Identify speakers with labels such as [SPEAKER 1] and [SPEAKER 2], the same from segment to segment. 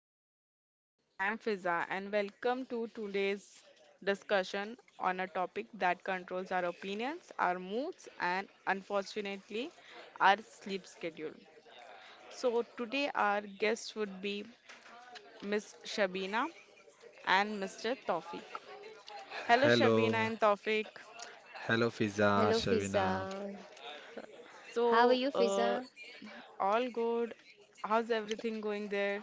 [SPEAKER 1] Hi everyone, I am Fiza and welcome to today's discussion on a topic that controls our opinions, our moods, and unfortunately, our sleep schedule. So, today our guests would be Miss Shabina and Mr. Tawfiq. Hello, Shabina
[SPEAKER 2] Hello,
[SPEAKER 1] and Tawfiq.
[SPEAKER 2] hello Fiza,
[SPEAKER 3] Hello, Fiza.
[SPEAKER 2] Shavina.
[SPEAKER 3] How are
[SPEAKER 1] So,
[SPEAKER 3] you,
[SPEAKER 1] uh,
[SPEAKER 3] Fiza?
[SPEAKER 1] all good? How's everything going there?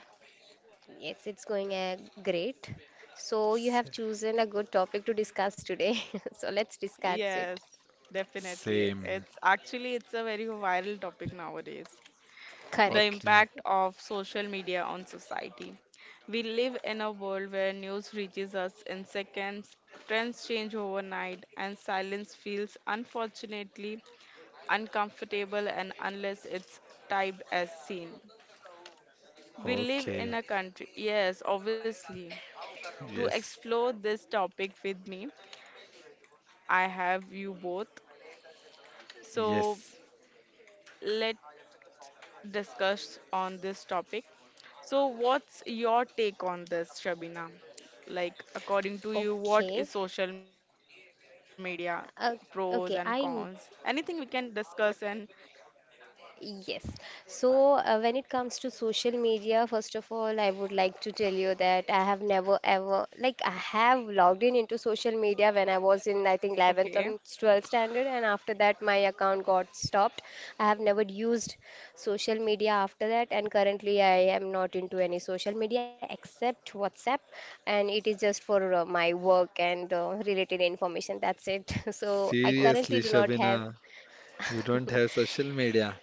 [SPEAKER 3] Yes, it's going great. So, you
[SPEAKER 2] S-
[SPEAKER 3] have chosen a good topic to discuss today. So, let's discuss it.
[SPEAKER 1] Yes, definitely.
[SPEAKER 2] Same.
[SPEAKER 1] It's a very viral topic nowadays. The
[SPEAKER 3] Correct.
[SPEAKER 2] Okay,
[SPEAKER 1] impact of social media on society. We live in a world where news reaches us in seconds, trends change overnight, and silence feels unfortunately uncomfortable and unless it's typed as seen. We live
[SPEAKER 2] okay.
[SPEAKER 1] in a country, yes, obviously. To
[SPEAKER 2] Yes,
[SPEAKER 1] explore this topic with me, I have you both. So
[SPEAKER 2] yes.
[SPEAKER 1] let discuss on this topic. So, what's your take on this, Shabina? Like, according to you, what
[SPEAKER 3] Okay.
[SPEAKER 1] is social media? Pros and
[SPEAKER 3] Uh,
[SPEAKER 1] cons?
[SPEAKER 3] okay,
[SPEAKER 1] Anything we can discuss and
[SPEAKER 3] Yes. So, when it comes to social media, first of all, I would like to tell you that I have never ever, like, I have logged in into social media when I was in, I think, 11th or
[SPEAKER 1] okay,
[SPEAKER 3] 12th standard, and after that, my account got stopped. I have never used social media after that, and currently, I am not into any social media except WhatsApp, and it is just for my work and related information. That's it. So, I
[SPEAKER 1] okay,
[SPEAKER 2] Seriously,
[SPEAKER 3] currently do not have.
[SPEAKER 2] Shavina, you don't have social media.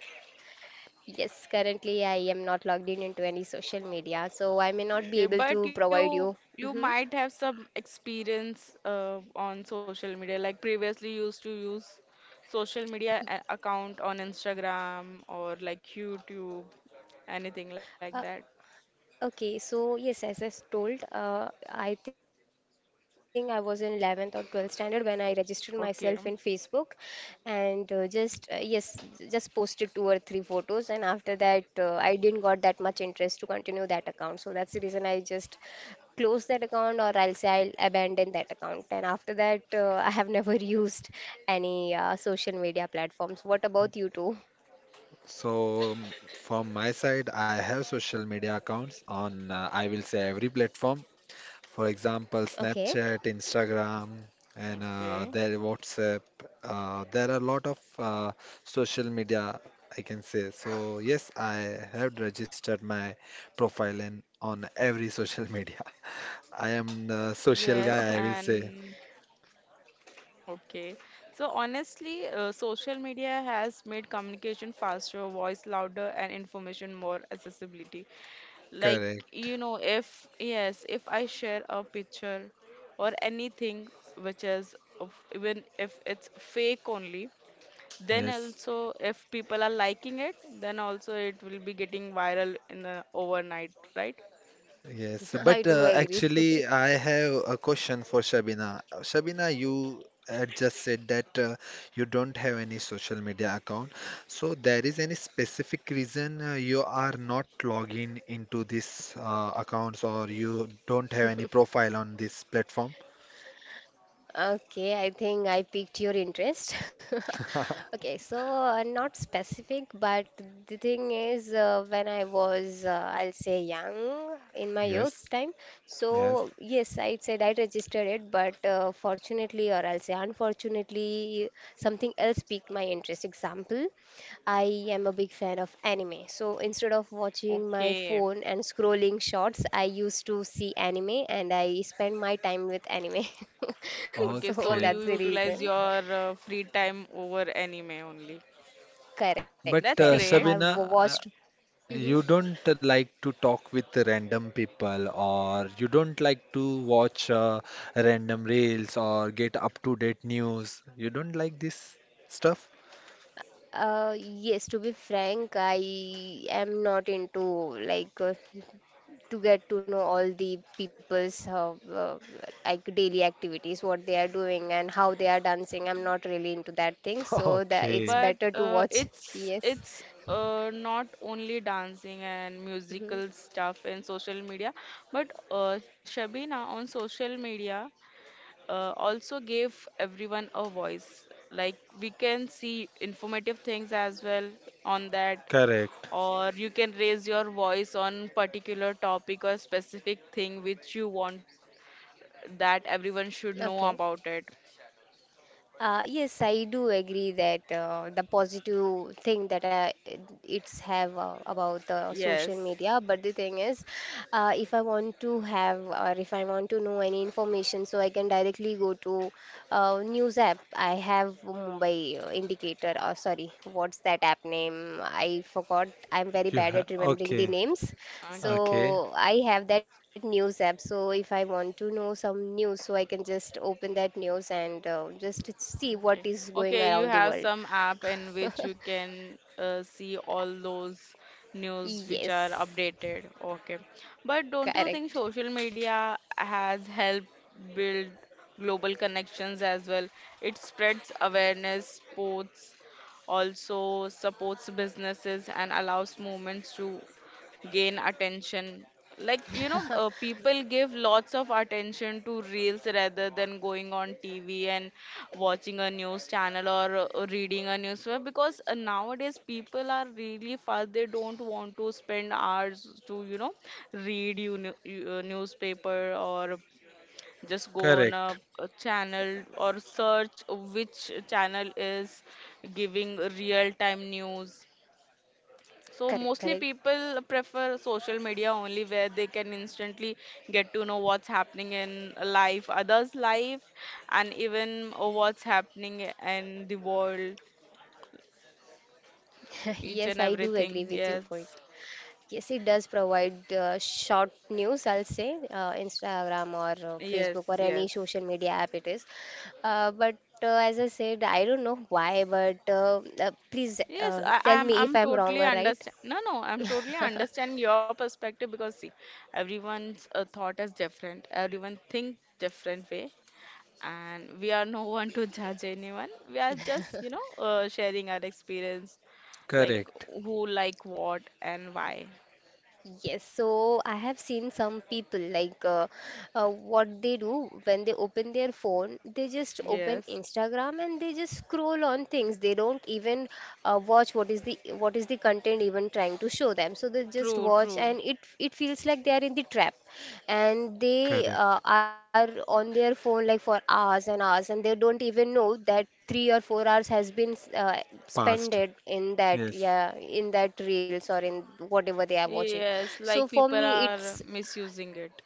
[SPEAKER 3] Yes, currently I am not logged in into any social media, so I may not be able
[SPEAKER 1] okay.
[SPEAKER 3] to
[SPEAKER 1] But
[SPEAKER 3] provide
[SPEAKER 1] you
[SPEAKER 3] you.
[SPEAKER 1] you
[SPEAKER 3] hmm
[SPEAKER 1] might have some experience on social media. Like previously, you used to use social media a- account on Instagram or like YouTube, anything like that.
[SPEAKER 3] Okay, so yes, as told, I think I was in 11th or 12th standard when I registered myself in Facebook
[SPEAKER 1] Okay,
[SPEAKER 3] and just, yes, just posted two or three photos. And after that, I didn't got that much interest to continue that account. So that's the reason I just close that account, or I'll say I'll abandon that account. And after that, I have never used any social media platforms. What about you two?
[SPEAKER 2] So, um, from my side, I have social media accounts on, I will say, every platform. For example,
[SPEAKER 3] Okay.
[SPEAKER 2] Snapchat, Instagram, and
[SPEAKER 1] okay.
[SPEAKER 2] there WhatsApp. There are a lot of social media, I can say. So yes, I have registered my profile in on every social media. I am the
[SPEAKER 1] Yes,
[SPEAKER 2] social guy, I will
[SPEAKER 1] and
[SPEAKER 2] say.
[SPEAKER 1] okay. So honestly, social media has made communication faster, voice louder, and information more accessibility. Like,
[SPEAKER 2] Correct.
[SPEAKER 1] you know, if yes, if I share a picture or anything which is of, even if it's fake only, then
[SPEAKER 2] Yes.
[SPEAKER 1] also if people are liking it, then also it will be getting viral in the overnight, right?
[SPEAKER 2] Yes, but
[SPEAKER 3] I do agree.
[SPEAKER 2] actually, I have a question for Shabina. Shabina, you just said that you don't have any social media account. So there is any specific reason you are not logging into these accounts or you don't have any profile on this platform?
[SPEAKER 3] Okay, I think I piqued your interest. Okay, so not specific, but the thing is, when I was, I'll say, young in my
[SPEAKER 2] Yes,
[SPEAKER 3] youth time,
[SPEAKER 2] yes.
[SPEAKER 3] so yes, I said I registered it, but fortunately, or I'll say unfortunately, something else piqued my interest. Example, I am a big fan of anime. So instead of watching my
[SPEAKER 1] Okay.
[SPEAKER 3] phone and scrolling shorts, I used to see anime and I spend my time with anime.
[SPEAKER 1] Okay, so
[SPEAKER 3] So
[SPEAKER 1] you
[SPEAKER 2] Okay.
[SPEAKER 3] that's the
[SPEAKER 1] utilize
[SPEAKER 3] reason.
[SPEAKER 1] your free time over anime only.
[SPEAKER 3] Correct,
[SPEAKER 2] But
[SPEAKER 3] correct.
[SPEAKER 1] That's
[SPEAKER 3] I have
[SPEAKER 1] great,
[SPEAKER 2] Shabina,
[SPEAKER 3] watched.
[SPEAKER 2] you don't like to talk with random people, or you don't like to watch random reels or get up-to-date news. You don't like this stuff?
[SPEAKER 3] Yes, to be frank, I am not into, like, to get to know all the people's like daily activities, what they are doing and how they are dancing. I'm not really into that thing, so that it's
[SPEAKER 1] but
[SPEAKER 2] Okay,
[SPEAKER 3] better to watch. Yes.
[SPEAKER 1] it's not only dancing and musical stuff and social media, but Shabina on social media also gave everyone a voice. Like we can see informative things as well on that,
[SPEAKER 2] correct.
[SPEAKER 1] or you can raise your voice on particular topic or specific thing which you want that everyone should know
[SPEAKER 3] Okay.
[SPEAKER 1] about it.
[SPEAKER 3] Yes, I do agree that the positive thing that I, it's have about the social
[SPEAKER 1] Yes.
[SPEAKER 3] media. But the thing is, if I want to have or if I want to know any information, so I can directly go to news app. I have Mumbai Indicator. Or sorry, what's that app name? I forgot. I'm very
[SPEAKER 2] You
[SPEAKER 3] bad
[SPEAKER 2] have
[SPEAKER 3] at remembering the
[SPEAKER 2] okay,
[SPEAKER 3] names.
[SPEAKER 1] Okay.
[SPEAKER 2] okay,
[SPEAKER 3] So I have that news app. So if I want to know some news, so I can just open that news and just see what
[SPEAKER 1] Okay.
[SPEAKER 3] is going
[SPEAKER 1] Okay,
[SPEAKER 3] around
[SPEAKER 1] you
[SPEAKER 3] the
[SPEAKER 1] have
[SPEAKER 3] world.
[SPEAKER 1] some app in which you can see all those news which are
[SPEAKER 3] Yes,
[SPEAKER 1] updated. Okay. But don't you think
[SPEAKER 3] correct.
[SPEAKER 1] social media has helped build global connections as well? It spreads awareness, sports, also supports businesses and allows movements to gain attention. Like, you know, people give lots of attention to reels rather than going on TV and watching a news channel or reading a newspaper because nowadays people are really fast. They don't want to spend hours to, you know, read you, new- you newspaper or just go on
[SPEAKER 2] correct,
[SPEAKER 1] a channel or search which channel is giving real time news so
[SPEAKER 3] Correct,
[SPEAKER 1] mostly
[SPEAKER 3] correct.
[SPEAKER 1] people prefer social media only where they can instantly get to know what's happening in life, others' life, and even what's happening in the world,
[SPEAKER 3] Yes,
[SPEAKER 1] each
[SPEAKER 3] I
[SPEAKER 1] and
[SPEAKER 3] do agree
[SPEAKER 1] everything.
[SPEAKER 3] with your point.
[SPEAKER 1] Yes,
[SPEAKER 3] Yes, it does provide short news, I'll say, Instagram or
[SPEAKER 1] yes,
[SPEAKER 3] Facebook or any
[SPEAKER 1] yes.
[SPEAKER 3] social media app it is. But as I said, I don't know why, but please
[SPEAKER 1] Yes, I,
[SPEAKER 3] tell
[SPEAKER 1] I'm
[SPEAKER 3] me if
[SPEAKER 1] I'm
[SPEAKER 3] I'm wrong
[SPEAKER 1] totally
[SPEAKER 3] or right.
[SPEAKER 1] understand. No, no, I'm totally understanding your perspective because see, everyone's thought is different. Everyone think different way. And we are no one to judge anyone. We are just, you know, sharing our experience, like
[SPEAKER 2] correct,
[SPEAKER 1] who like what and why.
[SPEAKER 3] Yes, so I have seen some people like what they do when they open their phone, they just open
[SPEAKER 1] Yes,
[SPEAKER 3] Instagram and they just scroll on things. They don't even watch what is the content even trying to show them. So they just
[SPEAKER 1] true,
[SPEAKER 3] watch
[SPEAKER 1] true.
[SPEAKER 3] and it feels like they are in the trap, and they
[SPEAKER 2] correct.
[SPEAKER 3] are on their phone like for hours and hours, and they don't even know that 3 or 4 hours has been
[SPEAKER 2] Past,
[SPEAKER 3] spended in that
[SPEAKER 2] yes,
[SPEAKER 3] reels or in whatever they are watching.
[SPEAKER 1] Yes,
[SPEAKER 3] So
[SPEAKER 1] like
[SPEAKER 3] for
[SPEAKER 1] people
[SPEAKER 3] me, it's
[SPEAKER 1] are misusing it.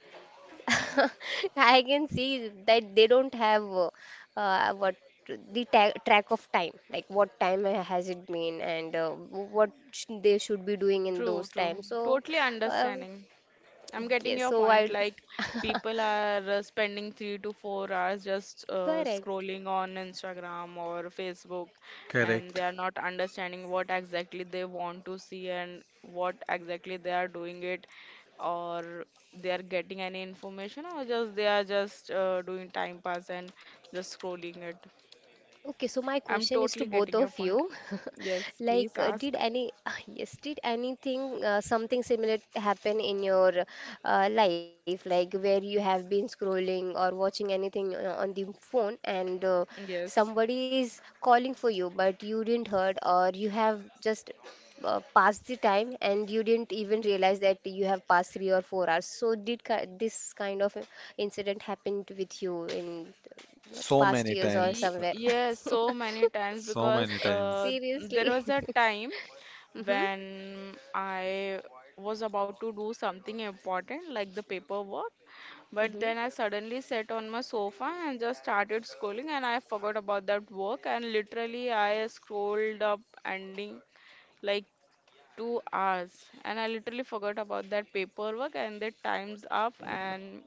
[SPEAKER 3] I can see that they don't have what the track of time, like what time has it been, and they should be doing in those
[SPEAKER 1] True, true.
[SPEAKER 3] times. So
[SPEAKER 1] Totally
[SPEAKER 3] uh,
[SPEAKER 1] understanding. I'm getting
[SPEAKER 3] yes,
[SPEAKER 1] your
[SPEAKER 3] so
[SPEAKER 1] point.
[SPEAKER 3] I
[SPEAKER 1] Like, people are spending 3 to 4 hours just
[SPEAKER 3] correct.
[SPEAKER 1] scrolling on Instagram or Facebook, and they
[SPEAKER 2] correct.
[SPEAKER 1] are not understanding what exactly they want to see and what exactly they are doing it, or they are getting any information, or just they are just doing time pass and just scrolling it.
[SPEAKER 3] Okay, so my
[SPEAKER 1] I'm
[SPEAKER 3] question is to
[SPEAKER 1] totally
[SPEAKER 3] both
[SPEAKER 1] getting your
[SPEAKER 3] of
[SPEAKER 1] point.
[SPEAKER 3] you.
[SPEAKER 1] Yes, please
[SPEAKER 3] Like,
[SPEAKER 1] ask.
[SPEAKER 3] yes, did anything, something similar happen in your life, like where you have been scrolling or watching anything on the phone, and
[SPEAKER 1] Yes.
[SPEAKER 3] somebody is calling for you, but you didn't heard, or you have just passed the time, and you didn't even realize that you have passed 3 or 4 hours. So did ki this kind of incident happen with you in
[SPEAKER 2] So
[SPEAKER 3] past
[SPEAKER 2] many
[SPEAKER 3] years
[SPEAKER 1] Y
[SPEAKER 3] or
[SPEAKER 2] times,
[SPEAKER 3] somewhere?
[SPEAKER 1] yes, so many times
[SPEAKER 2] so
[SPEAKER 1] because
[SPEAKER 2] many times.
[SPEAKER 1] there
[SPEAKER 3] Seriously.
[SPEAKER 1] was a time
[SPEAKER 3] Mm-hmm.
[SPEAKER 1] when I was about to do something important like the paperwork, but then I suddenly sat on my sofa and just started scrolling, and I forgot about that work, and literally I scrolled up ending like 2 hours and I literally forgot about that paperwork and the time's up and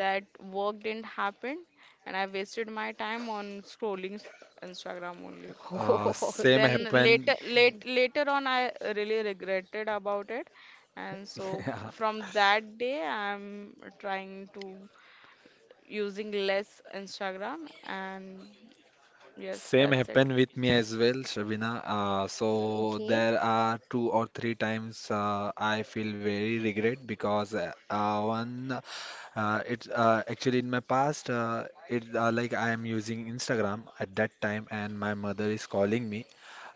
[SPEAKER 1] that work didn't happen and I wasted my time on scrolling Instagram only.
[SPEAKER 3] Mm-hmm.
[SPEAKER 2] Same
[SPEAKER 1] Then
[SPEAKER 3] Okay.
[SPEAKER 2] happen.
[SPEAKER 1] later on I really regretted about it. And so from that day I'm trying to using less Instagram and yes
[SPEAKER 2] Same
[SPEAKER 1] that's it
[SPEAKER 2] happened with me as well, Shabina. So
[SPEAKER 3] Okay.
[SPEAKER 2] there are two or three times I feel very regret because one, it's actually in my past, it like I am using Instagram at that time, and my mother is calling me,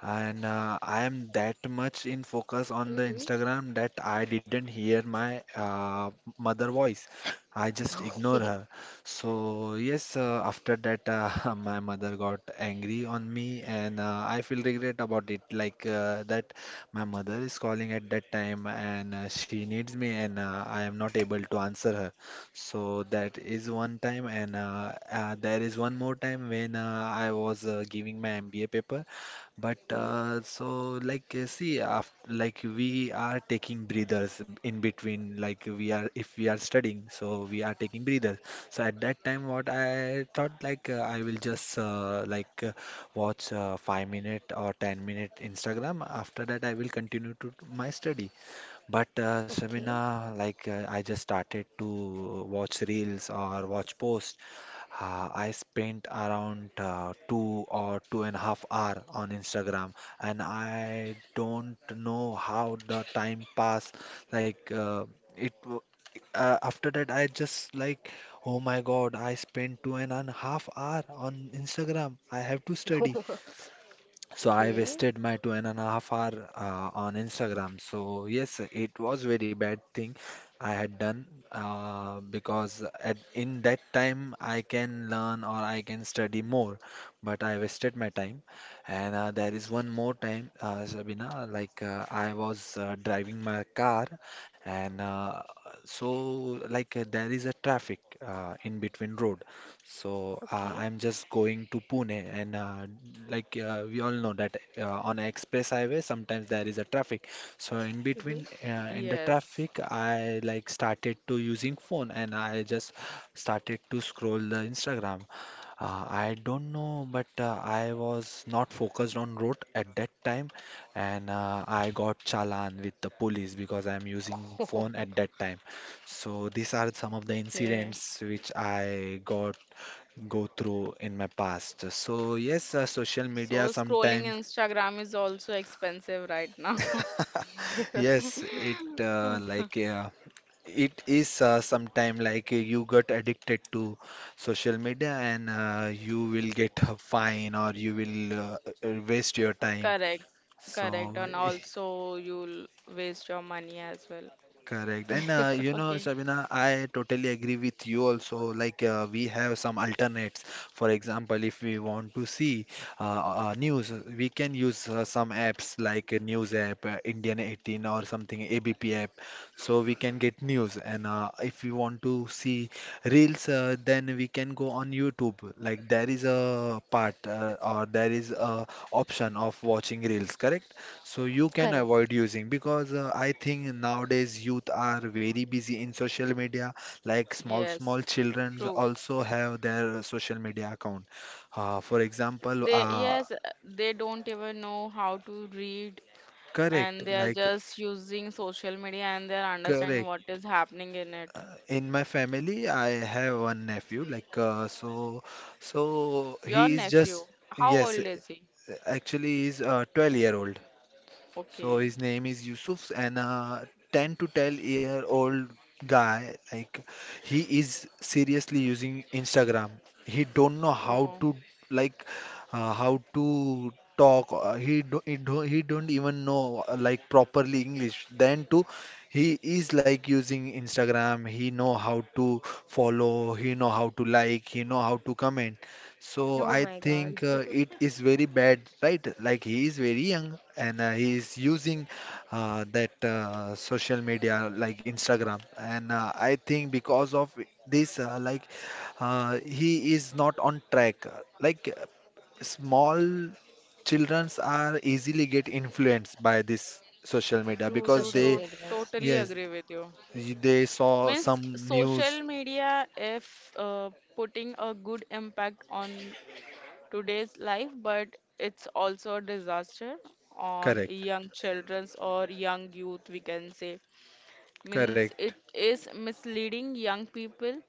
[SPEAKER 2] and I am that much in focus on the
[SPEAKER 3] Mm-mm.
[SPEAKER 2] Instagram that I didn't hear my mother voice. I just ignore
[SPEAKER 3] Okay.
[SPEAKER 2] her. So yes, after that, my mother got angry on me, and I feel regret about it. My mother is calling at that time, and she needs me, and I am not able to answer her. So that is one time, and there is one more time when I was giving my MBA paper, but see after, like we are taking breathers in between like we are if we are studying so we are taking breathers. So at that time what I thought like I will just watch 5 minute or 10-minute Instagram. After that I will continue to my study. But
[SPEAKER 3] Okay.
[SPEAKER 2] Shamina, I just started to watch reels or watch posts. I spent around 2 or 2.5 hours on Instagram, and I don't know how the time passed. Like uh, it, w- After that, I just like, oh my God, I spent 2.5 hours on Instagram. I have to study. So I
[SPEAKER 3] Okay.
[SPEAKER 2] wasted my 2.5 hours on Instagram. So yes, it was very bad thing I had done because at in that time I can learn or I can study more, but I wasted my time. And there is one more time, Sabina, I was driving my car, and there is a traffic in between road. So
[SPEAKER 3] Okay.
[SPEAKER 2] I'm just going to Pune, and we all know that on a express highway sometimes there is a traffic. So in between, in the
[SPEAKER 1] yes
[SPEAKER 2] traffic, I like started to using phone, and I just started to scroll the Instagram. I don't know, but I was not focused on road at that time, and I got challan with the police because I'm using phone at that time. So these are some of the
[SPEAKER 1] okay.
[SPEAKER 2] incidents which I got go through in my past. So yes, social media
[SPEAKER 1] So scrolling
[SPEAKER 2] sometimes
[SPEAKER 1] Instagram is also expensive right now.
[SPEAKER 2] yes it is sometime you got addicted to social media and you will get a fine or you will waste your time.
[SPEAKER 1] Correct, correct,
[SPEAKER 2] So
[SPEAKER 1] and also you'll waste your money as well.
[SPEAKER 2] correct. And you know,
[SPEAKER 1] Okay,
[SPEAKER 2] Sabina, I totally agree with you also. Like, we have some alternates. For example, if we want to see news, we can use some apps like a news app, Indian 18 or something, ABP app. So we can get news. And if we want to see reels, then we can go on YouTube. Like, there is a part or there is a option of watching reels, correct? So you can
[SPEAKER 3] Correct.
[SPEAKER 2] avoid using because I think nowadays youth are very busy in social media. Like small small
[SPEAKER 1] yes,
[SPEAKER 2] children
[SPEAKER 1] true.
[SPEAKER 2] also have their social media account. Uh, for example,
[SPEAKER 1] They,
[SPEAKER 2] uh,
[SPEAKER 1] yes, they don't even know how to read,
[SPEAKER 2] Correct.
[SPEAKER 1] and they are just using social media and they're understanding what
[SPEAKER 2] Correct.
[SPEAKER 1] is happening in it.
[SPEAKER 2] In my family, I have one nephew. So
[SPEAKER 1] Your
[SPEAKER 2] he is just
[SPEAKER 1] nephew, how
[SPEAKER 2] yes.
[SPEAKER 1] old is he?
[SPEAKER 2] Actually, he is 12-year-old. So
[SPEAKER 1] Okay.
[SPEAKER 2] his name is Yusuf, and a 10 to 12 year old guy, like he is seriously using Instagram. He don't know how
[SPEAKER 1] Oh,
[SPEAKER 2] to like how to talk. He don't even know like properly English. Then too, he is like using Instagram. He know how to follow. He know how to like. He know how to comment. So
[SPEAKER 3] Oh
[SPEAKER 2] I
[SPEAKER 3] my
[SPEAKER 2] think
[SPEAKER 3] God.
[SPEAKER 2] it is very bad, right? Like he is very young and he is using that social media like Instagram, and I think because of this, he is not on track. Like uh, small childrens are easily get influenced by this social media
[SPEAKER 1] true,
[SPEAKER 2] because
[SPEAKER 1] true,
[SPEAKER 3] Social
[SPEAKER 2] they,
[SPEAKER 1] true.
[SPEAKER 3] medias.
[SPEAKER 1] Totally
[SPEAKER 2] yes,
[SPEAKER 1] agree with you.
[SPEAKER 2] they saw
[SPEAKER 1] Means
[SPEAKER 2] some
[SPEAKER 1] social
[SPEAKER 2] news.
[SPEAKER 1] media, if putting a good impact on today's life, but it's also a disaster on
[SPEAKER 2] Correct,
[SPEAKER 1] young children's or young youth, we can say. Means
[SPEAKER 2] correct.
[SPEAKER 1] it is misleading young people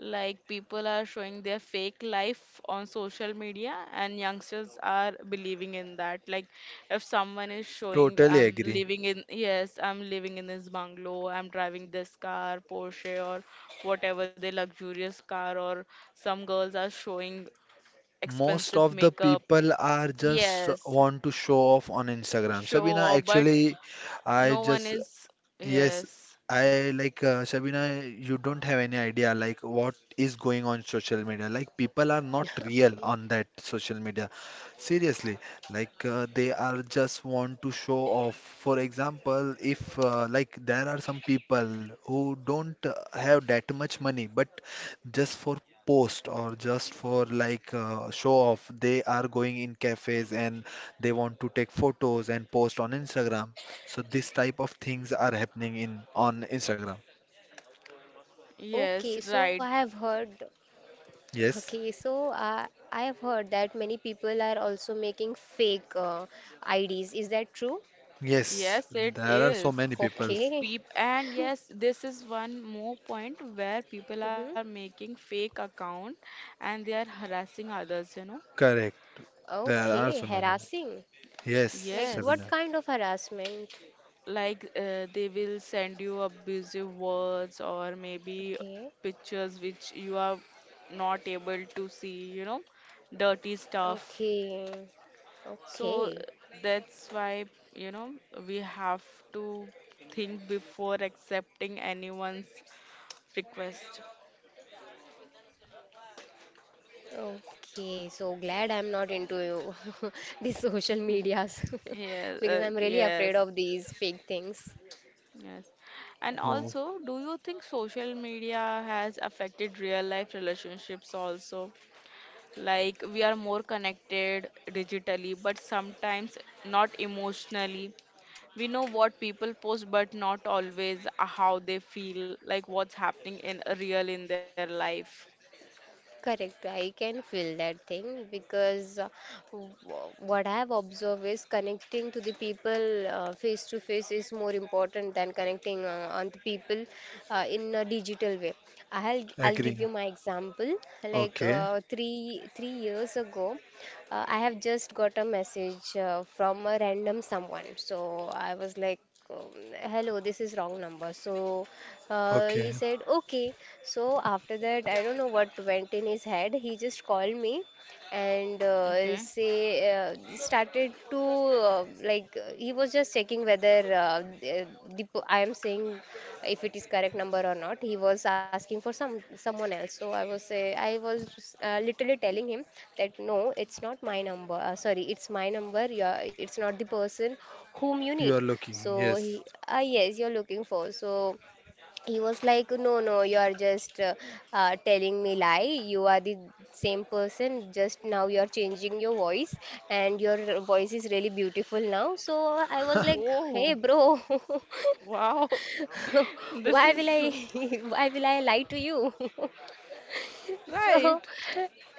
[SPEAKER 1] like people are showing their fake life on social media, and youngsters are believing in that. Like if someone is showing,
[SPEAKER 2] Totally
[SPEAKER 1] I'm
[SPEAKER 2] agree.
[SPEAKER 1] living in, yes, I'm living in this bungalow, I'm driving this car, Porsche, or whatever the luxurious car, or some girls are showing
[SPEAKER 2] Most
[SPEAKER 1] expensive
[SPEAKER 2] of the
[SPEAKER 1] makeup.
[SPEAKER 2] people are just
[SPEAKER 1] Yes,
[SPEAKER 2] want to show off on Instagram.
[SPEAKER 1] show
[SPEAKER 2] Sabina,
[SPEAKER 1] off, but
[SPEAKER 2] actually, I
[SPEAKER 1] no one
[SPEAKER 2] just
[SPEAKER 1] is,
[SPEAKER 2] yes,
[SPEAKER 1] yes,
[SPEAKER 2] I Shabina, you don't have any idea like what is going on social media. Like people are not real
[SPEAKER 3] Okay.
[SPEAKER 2] on that social media. Seriously, they are just want to show off. For example, if like there are some people who don't have that much money, but just for post or just for show off, they are going in cafes and they want to take photos and post on Instagram. So this type of things are happening in on Instagram.
[SPEAKER 1] yes,
[SPEAKER 3] Okay, so I
[SPEAKER 1] right.
[SPEAKER 3] have heard. Okay,
[SPEAKER 2] Yes.
[SPEAKER 3] so I have heard that many people are also making fake IDs. Is that true?
[SPEAKER 2] Yes.
[SPEAKER 1] Yes, it
[SPEAKER 2] There are so
[SPEAKER 1] is.
[SPEAKER 2] many people.
[SPEAKER 3] Okay.
[SPEAKER 1] Peep, and yes, this is one more point where people are
[SPEAKER 3] Mm-hmm.
[SPEAKER 1] making fake account and they are harassing others, you know.
[SPEAKER 2] Correct. There are
[SPEAKER 3] Okay,
[SPEAKER 2] so many people.
[SPEAKER 3] harassing.
[SPEAKER 2] Yes,
[SPEAKER 3] Like, what
[SPEAKER 1] Yes,
[SPEAKER 2] Shabina.
[SPEAKER 3] kind of harassment?
[SPEAKER 1] like they will send you abusive words or maybe
[SPEAKER 3] Okay.
[SPEAKER 1] pictures which you are not able to see, you know, dirty stuff.
[SPEAKER 3] Okay.
[SPEAKER 1] So
[SPEAKER 3] Okay.
[SPEAKER 1] that's why, you know, we have to think before accepting anyone's request.
[SPEAKER 3] Okay. So glad I'm not into these social
[SPEAKER 1] Hmm.
[SPEAKER 3] medias
[SPEAKER 1] Yes,
[SPEAKER 3] because I'm really afraid
[SPEAKER 1] yes,
[SPEAKER 3] of these fake things.
[SPEAKER 1] yes. And
[SPEAKER 2] Oh,
[SPEAKER 1] also, do you think social media has affected real life relationships also? Like, we are more connected digitally, but sometimes not emotionally. We know what people post, but not always how they feel, like what's happening in real in their life.
[SPEAKER 3] Correct, I can feel that thing, because w- what I have observed is, connecting to the people face to face is more important than connecting on the people in a digital way. I'll give
[SPEAKER 2] agree.
[SPEAKER 3] you my example. Like,
[SPEAKER 2] Okay.
[SPEAKER 3] three years ago, I have just got a message from a random someone. So I was like, hello, this is wrong number. So
[SPEAKER 2] Okay.
[SPEAKER 3] he said, okay. So after that, I don't know what went in his head. He just called me, and
[SPEAKER 1] Okay.
[SPEAKER 3] say started to, he was just checking whether, I am saying, if it is correct number or not. He was asking for someone else. So I was, literally telling him that no, it's not my number. Sorry, it's my number. Yeah, it's not the person whom you need.
[SPEAKER 2] You are looking.
[SPEAKER 3] So he,
[SPEAKER 2] Yes.
[SPEAKER 3] ah yes, you're looking for. So he was like, no, no, you are just telling me lie. You are the same person. Just now you are changing your voice, and your voice is really beautiful now. So I was like,
[SPEAKER 1] Oh,
[SPEAKER 3] Hey, bro,
[SPEAKER 1] wow. This
[SPEAKER 3] why
[SPEAKER 1] is
[SPEAKER 3] will I, why will I lie to you?
[SPEAKER 1] right.
[SPEAKER 3] So,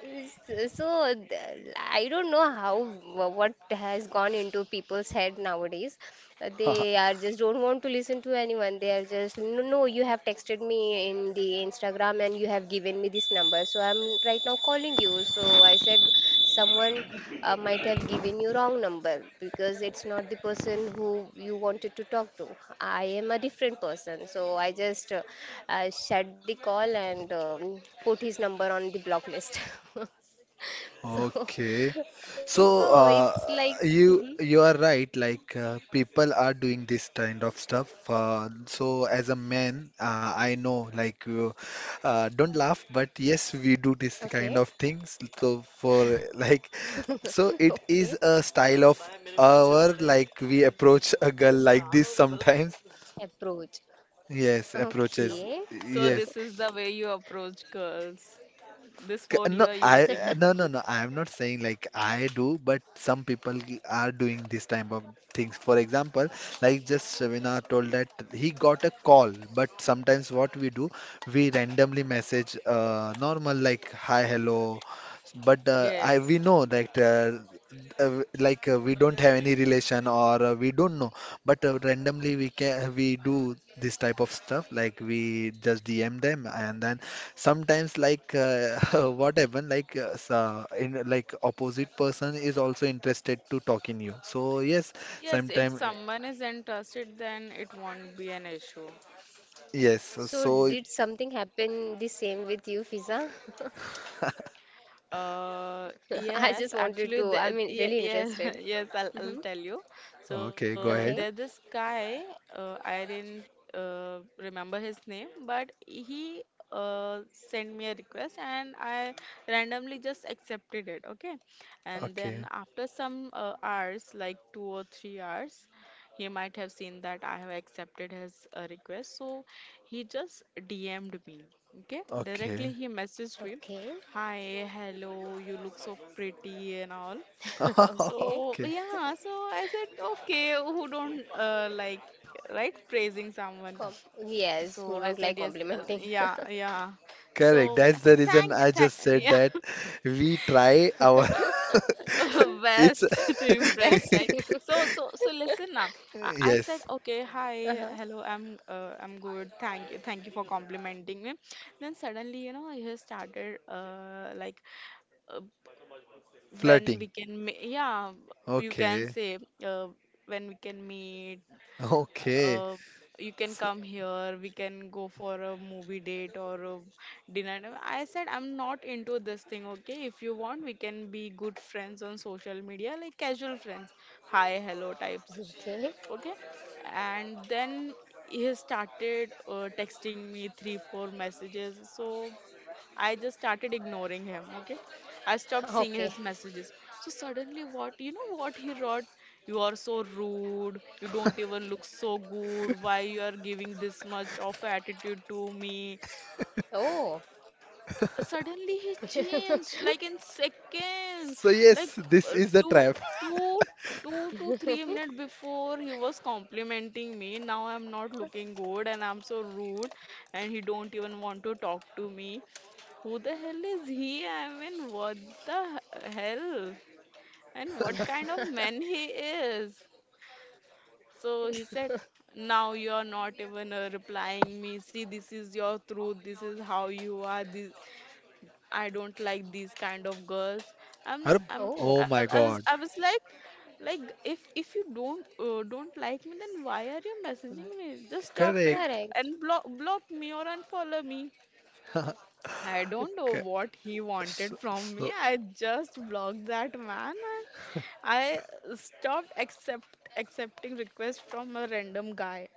[SPEAKER 3] S- So I don't know what has gone into people's head nowadays. They are just don't want to listen to anyone. They are just, no, no, you have texted me in the Instagram and you have given me this number, so I'm right now calling you. So I said, someone might have given you wrong number, because it's not the person who you wanted to talk to. I am a different person. So I just shut the call, and put his number on the block list. So,
[SPEAKER 2] Okay.
[SPEAKER 3] so
[SPEAKER 2] So,
[SPEAKER 3] it's like, mhm,
[SPEAKER 2] you you are right. People are doing this kind of stuff. So, as a man, I know. Like, you, don't laugh, but yes, we do this
[SPEAKER 3] okay.
[SPEAKER 2] kind of things. So, for like,
[SPEAKER 3] Okay,
[SPEAKER 2] so it is a style of our. Like, we approach a girl like this sometimes.
[SPEAKER 3] approach.
[SPEAKER 2] Yes,
[SPEAKER 3] Okay.
[SPEAKER 2] approaches.
[SPEAKER 1] So,
[SPEAKER 2] Yes.
[SPEAKER 1] this is the way you approach girls. This word you
[SPEAKER 2] No,
[SPEAKER 1] are
[SPEAKER 2] I
[SPEAKER 1] using.
[SPEAKER 2] no no no. I am not saying like I do, but some people are doing this type of things. For example, like just Shavina told that he got a call, but sometimes what we do, we randomly message normal like hi hello but I
[SPEAKER 1] Yes.
[SPEAKER 2] we know that we don't have any relation or we don't know, but randomly we can we do this type of stuff like we just DM them and then sometimes what happened so in like opposite person is also interested to talk in you. So yes,
[SPEAKER 1] Yes, if
[SPEAKER 2] sometime
[SPEAKER 1] someone is interested, then it won't be an issue.
[SPEAKER 2] yes.
[SPEAKER 3] So,
[SPEAKER 2] So
[SPEAKER 3] did something happen the same with you, Fiza? I
[SPEAKER 1] Yes,
[SPEAKER 3] just wanted
[SPEAKER 1] actually,
[SPEAKER 3] to,
[SPEAKER 1] yeah,
[SPEAKER 3] really
[SPEAKER 1] yeah,
[SPEAKER 3] interested.
[SPEAKER 1] yes, I'll
[SPEAKER 3] Mm-hmm.
[SPEAKER 1] tell you. So
[SPEAKER 2] okay, go
[SPEAKER 1] there's
[SPEAKER 2] ahead.
[SPEAKER 1] this
[SPEAKER 3] Okay,
[SPEAKER 1] guy, I didn't remember his name, but he sent me a request and I randomly just accepted it, okay? And
[SPEAKER 2] Okay,
[SPEAKER 1] then after some hours, like 2 or 3 hours, he might have seen that I have accepted his request, so he just DM'd me. Okay,
[SPEAKER 2] okay,
[SPEAKER 1] directly he messaged me.
[SPEAKER 3] okay.
[SPEAKER 1] Hi, hello, you look so pretty and all.
[SPEAKER 3] Okay.
[SPEAKER 1] So,
[SPEAKER 2] okay.
[SPEAKER 1] yeah, so I said, okay, who don't like, right, praising someone?
[SPEAKER 3] Com Yes,
[SPEAKER 1] So
[SPEAKER 3] who
[SPEAKER 1] I
[SPEAKER 3] don't
[SPEAKER 1] said,
[SPEAKER 3] like
[SPEAKER 1] yes,
[SPEAKER 3] complimenting?
[SPEAKER 1] yeah, yeah.
[SPEAKER 2] Correct.
[SPEAKER 1] So I
[SPEAKER 2] That's the
[SPEAKER 1] said,
[SPEAKER 2] reason I
[SPEAKER 1] thank,
[SPEAKER 2] just said
[SPEAKER 1] yeah,
[SPEAKER 2] that we try our it's
[SPEAKER 1] best to
[SPEAKER 3] Best.
[SPEAKER 1] impress, right? So listen now. I said,
[SPEAKER 2] yes,
[SPEAKER 1] okay,
[SPEAKER 3] Uh-huh.
[SPEAKER 1] hi, hello, I'm good. Thank you for complimenting me. Then suddenly, you know, he started uh, when
[SPEAKER 2] flirting.
[SPEAKER 1] we can yeah you can
[SPEAKER 2] Okay.
[SPEAKER 1] say uh, when we can meet
[SPEAKER 2] Okay.
[SPEAKER 1] uh, you can
[SPEAKER 2] So,
[SPEAKER 1] come here we can go for a movie date or a dinner. No, I said I'm not into this thing. Okay, if you want we can be good friends on social media like casual friends, hi hello types,
[SPEAKER 3] Okay,
[SPEAKER 1] okay? And then he started texting me 3 4 messages, so I just started ignoring him, okay? I stopped seeing
[SPEAKER 3] okay.
[SPEAKER 1] his messages. So suddenly what, you know what he wrote? You are so rude. You don't even look so good. Why you are giving this much of attitude to me?
[SPEAKER 3] Oh,
[SPEAKER 1] Suddenly he changed like in seconds.
[SPEAKER 2] so
[SPEAKER 1] Like
[SPEAKER 2] yes, this
[SPEAKER 1] uh,
[SPEAKER 2] is the
[SPEAKER 1] two,
[SPEAKER 2] trap.
[SPEAKER 1] two, 2 to 3 minutes before he was complimenting me. Now I'm not looking good and I'm so rude and he don't even want to talk to me. Who the hell is he? I mean, what the hell? And what kind of man he is? So he said, now you're not even replying me. See, this is your truth. This is how you are. This I don't like these kind of girls.
[SPEAKER 2] Har-
[SPEAKER 1] I'm,
[SPEAKER 2] Oh
[SPEAKER 3] oh,
[SPEAKER 2] my God.
[SPEAKER 1] I was like if you don't like me, then why are you messaging me? Just stop it
[SPEAKER 2] Correct.
[SPEAKER 1] and
[SPEAKER 3] correct.
[SPEAKER 1] block me or unfollow me.
[SPEAKER 2] Okay.
[SPEAKER 1] I don't know what he wanted
[SPEAKER 2] So,
[SPEAKER 1] from me.
[SPEAKER 2] so
[SPEAKER 1] I just blocked that man and I stopped accepting requests from a random guy.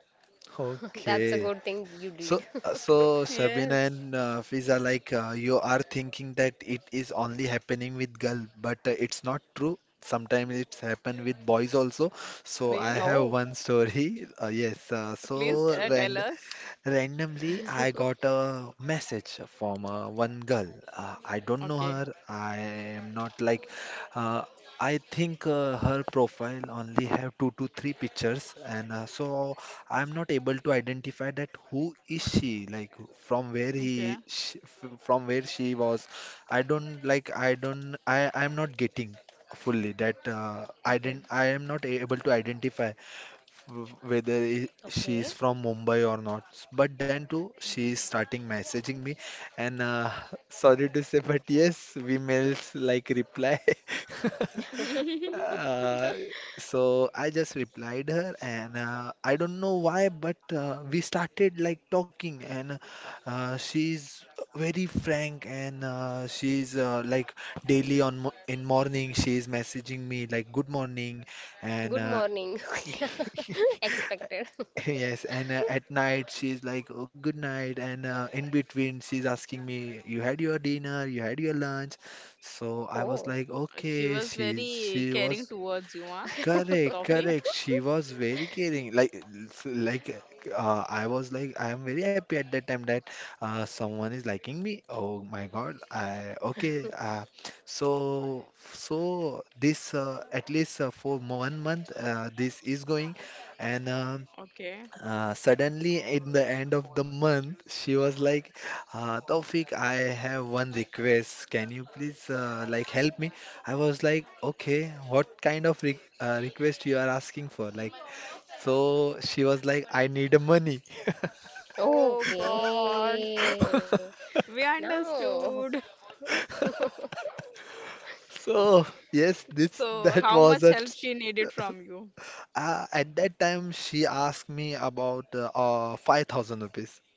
[SPEAKER 3] That's a
[SPEAKER 2] okay.
[SPEAKER 3] good thing you
[SPEAKER 2] So,
[SPEAKER 3] did.
[SPEAKER 2] so Shabina
[SPEAKER 1] Yes.
[SPEAKER 2] and Fiza, you are thinking that it is only happening with girl, but it's not true. Sometimes it's happen with boys also. So I
[SPEAKER 1] Really?
[SPEAKER 2] have
[SPEAKER 3] Oh,
[SPEAKER 2] one story. Yes.
[SPEAKER 1] Please
[SPEAKER 2] So
[SPEAKER 3] okay,
[SPEAKER 1] tell
[SPEAKER 2] and
[SPEAKER 1] us.
[SPEAKER 2] Randomly, I got a message from one girl. I don't know
[SPEAKER 1] Okay.
[SPEAKER 2] her. I am not like. Uh, I think her profile only have two to three pictures, and so I'm not able to identify that who is she, like from where
[SPEAKER 1] Okay.
[SPEAKER 2] from where she was. I'm not getting fully that. I
[SPEAKER 1] Okay.
[SPEAKER 2] didn't. I am not able to identify whether she is
[SPEAKER 3] okay.
[SPEAKER 2] from Mumbai or not. But then too, she is starting messaging me, and sorry to say, but yes, we mails like reply.
[SPEAKER 1] Okay.
[SPEAKER 2] Uh, so I just replied her, and I don't know why, but we started like talking, and she's very frank, and she's like daily on mo in morning she's messaging me like good morning,
[SPEAKER 3] Good
[SPEAKER 2] and
[SPEAKER 3] morning. Expected.
[SPEAKER 2] yes, and at night she's like, "Oh, good night," and in between she's asking me, "You had your dinner? You had your lunch?" So I was
[SPEAKER 3] Oh,
[SPEAKER 2] like,
[SPEAKER 1] She
[SPEAKER 2] "Okay."
[SPEAKER 1] was
[SPEAKER 2] She
[SPEAKER 1] very
[SPEAKER 2] she
[SPEAKER 1] caring
[SPEAKER 2] was
[SPEAKER 1] towards you, huh?
[SPEAKER 2] correct,
[SPEAKER 1] Tofik?
[SPEAKER 2] correct. She was very caring. I was like, I am very happy at that time that someone is liking me. Oh my God! I okay. So this at least for one month this is going and. um
[SPEAKER 1] Okay.
[SPEAKER 2] uh, suddenly, in the end of the month, she was like, Taufik, I have one request. Can you please like help me? I was like, okay, what kind of re request you are asking for? Like, so she was like, I need money.
[SPEAKER 1] Oh God.
[SPEAKER 3] okay.
[SPEAKER 1] We
[SPEAKER 3] Now.
[SPEAKER 1] understood.
[SPEAKER 2] So yes, this
[SPEAKER 1] So
[SPEAKER 3] Eh,
[SPEAKER 2] that
[SPEAKER 1] how
[SPEAKER 2] was
[SPEAKER 1] much help
[SPEAKER 2] it.
[SPEAKER 1] she needed from you?
[SPEAKER 2] At that time, she asked me about 5,000 rupees.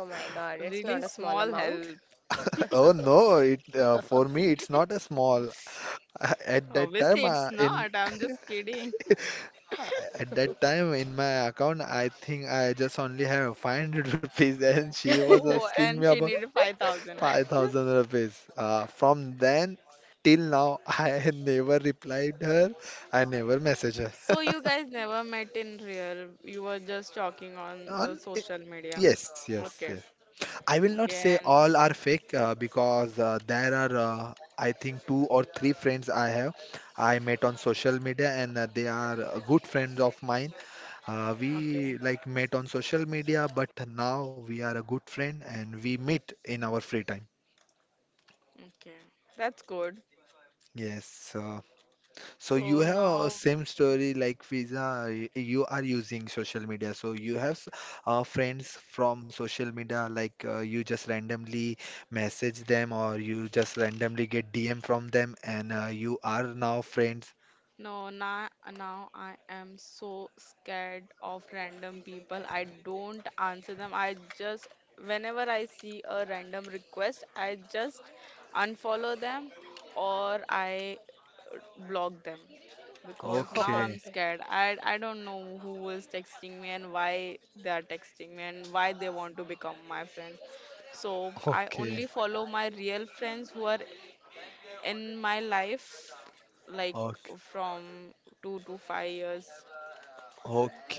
[SPEAKER 3] Oh my God, it's
[SPEAKER 1] Really
[SPEAKER 3] not a
[SPEAKER 1] small
[SPEAKER 3] small
[SPEAKER 1] help.
[SPEAKER 3] amount.
[SPEAKER 2] Oh no, it for me it's not a small. At that
[SPEAKER 1] Obviously,
[SPEAKER 2] time,
[SPEAKER 1] it's
[SPEAKER 2] in.
[SPEAKER 1] not. I'm just kidding.
[SPEAKER 2] Uh, At that time in my account, I think I just only have 500 rupees, and she was
[SPEAKER 1] Oh,
[SPEAKER 2] asking me
[SPEAKER 1] and she
[SPEAKER 2] about
[SPEAKER 1] needed 5,000.
[SPEAKER 2] 5,000 rupees. From then till now, I never replied her. I never messaged her.
[SPEAKER 1] So you guys never met in real. You were just talking on
[SPEAKER 2] On
[SPEAKER 1] social media.
[SPEAKER 2] yes, yes,
[SPEAKER 1] Okay.
[SPEAKER 2] yes. I will not say
[SPEAKER 1] Okay, and
[SPEAKER 2] all are fake because there are, I think, two or three friends I have. I met on social media, and they are good friends of mine.
[SPEAKER 1] okay.
[SPEAKER 2] We like met on social media, but now we are a good friend and we meet in our free time.
[SPEAKER 1] Okay. That's good.
[SPEAKER 2] Yes. So you
[SPEAKER 1] So
[SPEAKER 2] have a
[SPEAKER 1] now
[SPEAKER 2] same story like Fiza. You are using social media, so you have friends from social media. Like you just randomly message them, or you just randomly get DM from them, and you are now friends.
[SPEAKER 1] no now now I am so scared of random people. I don't answer them. I just whenever I see a random request, I just unfollow them or I block them because now I'm
[SPEAKER 2] Okay.
[SPEAKER 3] Okay.
[SPEAKER 1] scared. I don't know who is texting me and why they are texting me and why they want to become my friends. So I
[SPEAKER 2] Okay.
[SPEAKER 1] only follow my real friends who are in my life, like
[SPEAKER 2] Okay.
[SPEAKER 1] from 2 to 5 years.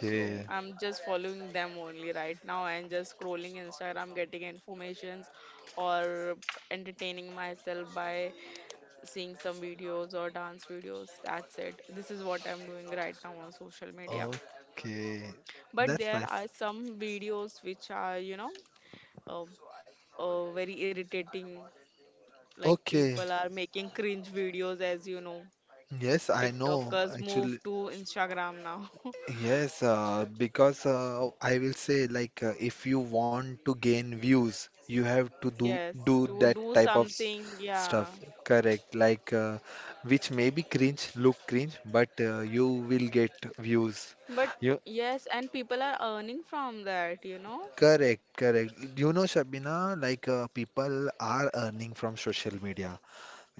[SPEAKER 1] So I'm just following them only right now and just scrolling Instagram, getting informations or entertaining myself by seeing some videos or dance videos. That's it. This is what I'm doing right now on social media.
[SPEAKER 2] Okay.
[SPEAKER 1] But
[SPEAKER 2] That's
[SPEAKER 1] there
[SPEAKER 2] nice.
[SPEAKER 1] are some videos which are, uh, very irritating. Like
[SPEAKER 2] Okay.
[SPEAKER 1] people are making cringe videos, as you know.
[SPEAKER 2] Yes, I know.
[SPEAKER 1] TikTokers move
[SPEAKER 2] Actually,
[SPEAKER 1] to Instagram now.
[SPEAKER 2] yes, because I will say like if you want to gain views, you have to do
[SPEAKER 1] Yes,
[SPEAKER 2] do
[SPEAKER 1] to
[SPEAKER 2] that
[SPEAKER 1] do
[SPEAKER 2] type of
[SPEAKER 1] something, yeah.
[SPEAKER 2] stuff. Correct. Like which may be cringe, look cringe, but you will get views.
[SPEAKER 1] But
[SPEAKER 2] You
[SPEAKER 1] yes, and people are earning from that, you know.
[SPEAKER 2] correct, correct. You know, Shabina, like people are earning from social media.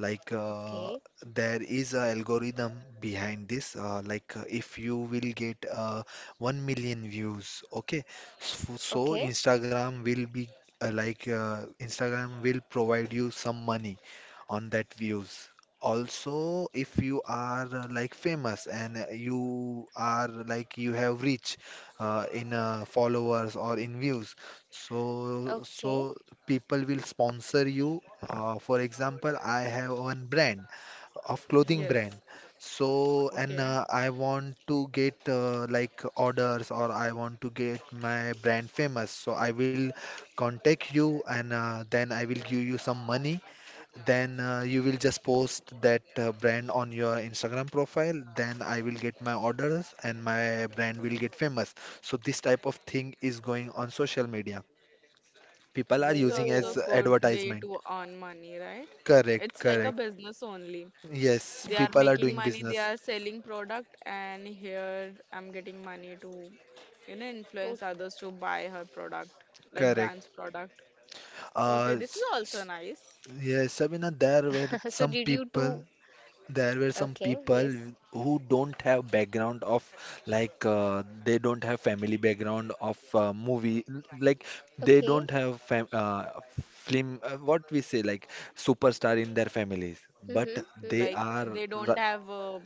[SPEAKER 2] Like
[SPEAKER 3] Okay,
[SPEAKER 2] there is a algorithm behind this like if you will get 1 million views, okay, so
[SPEAKER 3] okay,
[SPEAKER 2] Instagram will be like Instagram will provide you some money on that views. Also if you are like famous and you are like you have reach in followers or in views, so
[SPEAKER 3] okay.
[SPEAKER 2] people will sponsor you. For example, I have one brand of clothing
[SPEAKER 1] Yes.
[SPEAKER 2] brand. So, and
[SPEAKER 1] Okay.
[SPEAKER 2] I want to get like orders or I want to get my brand famous. So I will contact you and then I will give you some money. Then you will just post that brand on your Instagram profile. Then I will get my orders and my brand will get famous. So this type of thing is going on social media. People are
[SPEAKER 1] This is
[SPEAKER 2] using
[SPEAKER 1] also
[SPEAKER 2] as
[SPEAKER 3] Oh,
[SPEAKER 1] good way
[SPEAKER 2] advertisement.
[SPEAKER 1] to earn money, right?
[SPEAKER 2] Correct,
[SPEAKER 1] It's like a
[SPEAKER 2] correct.
[SPEAKER 3] uh,
[SPEAKER 1] business only.
[SPEAKER 2] Yes,
[SPEAKER 1] They are
[SPEAKER 2] people are
[SPEAKER 1] making
[SPEAKER 2] doing
[SPEAKER 1] money,
[SPEAKER 3] okay.
[SPEAKER 1] they are
[SPEAKER 2] business.
[SPEAKER 1] selling product, and here I'm getting money to, you know, influence
[SPEAKER 3] Oh.
[SPEAKER 1] others to buy her product, like
[SPEAKER 2] Correct.
[SPEAKER 1] brand's product.
[SPEAKER 2] Uh,
[SPEAKER 1] Okay, this is
[SPEAKER 2] s-
[SPEAKER 1] also
[SPEAKER 2] s-
[SPEAKER 1] nice.
[SPEAKER 2] yes, Sabina, there were
[SPEAKER 3] So
[SPEAKER 2] some
[SPEAKER 3] did you
[SPEAKER 2] people,
[SPEAKER 3] do?
[SPEAKER 2] there were some
[SPEAKER 3] Okay,
[SPEAKER 2] people
[SPEAKER 3] yes.
[SPEAKER 2] who don't have background of like they don't have family background of movie, like they don't
[SPEAKER 3] Okay.
[SPEAKER 2] have fam film. What we say like superstar in their families, but
[SPEAKER 3] Mm-hmm,
[SPEAKER 2] they
[SPEAKER 1] Like
[SPEAKER 3] mm-hmm.
[SPEAKER 2] are
[SPEAKER 1] they
[SPEAKER 2] r-
[SPEAKER 1] don't have a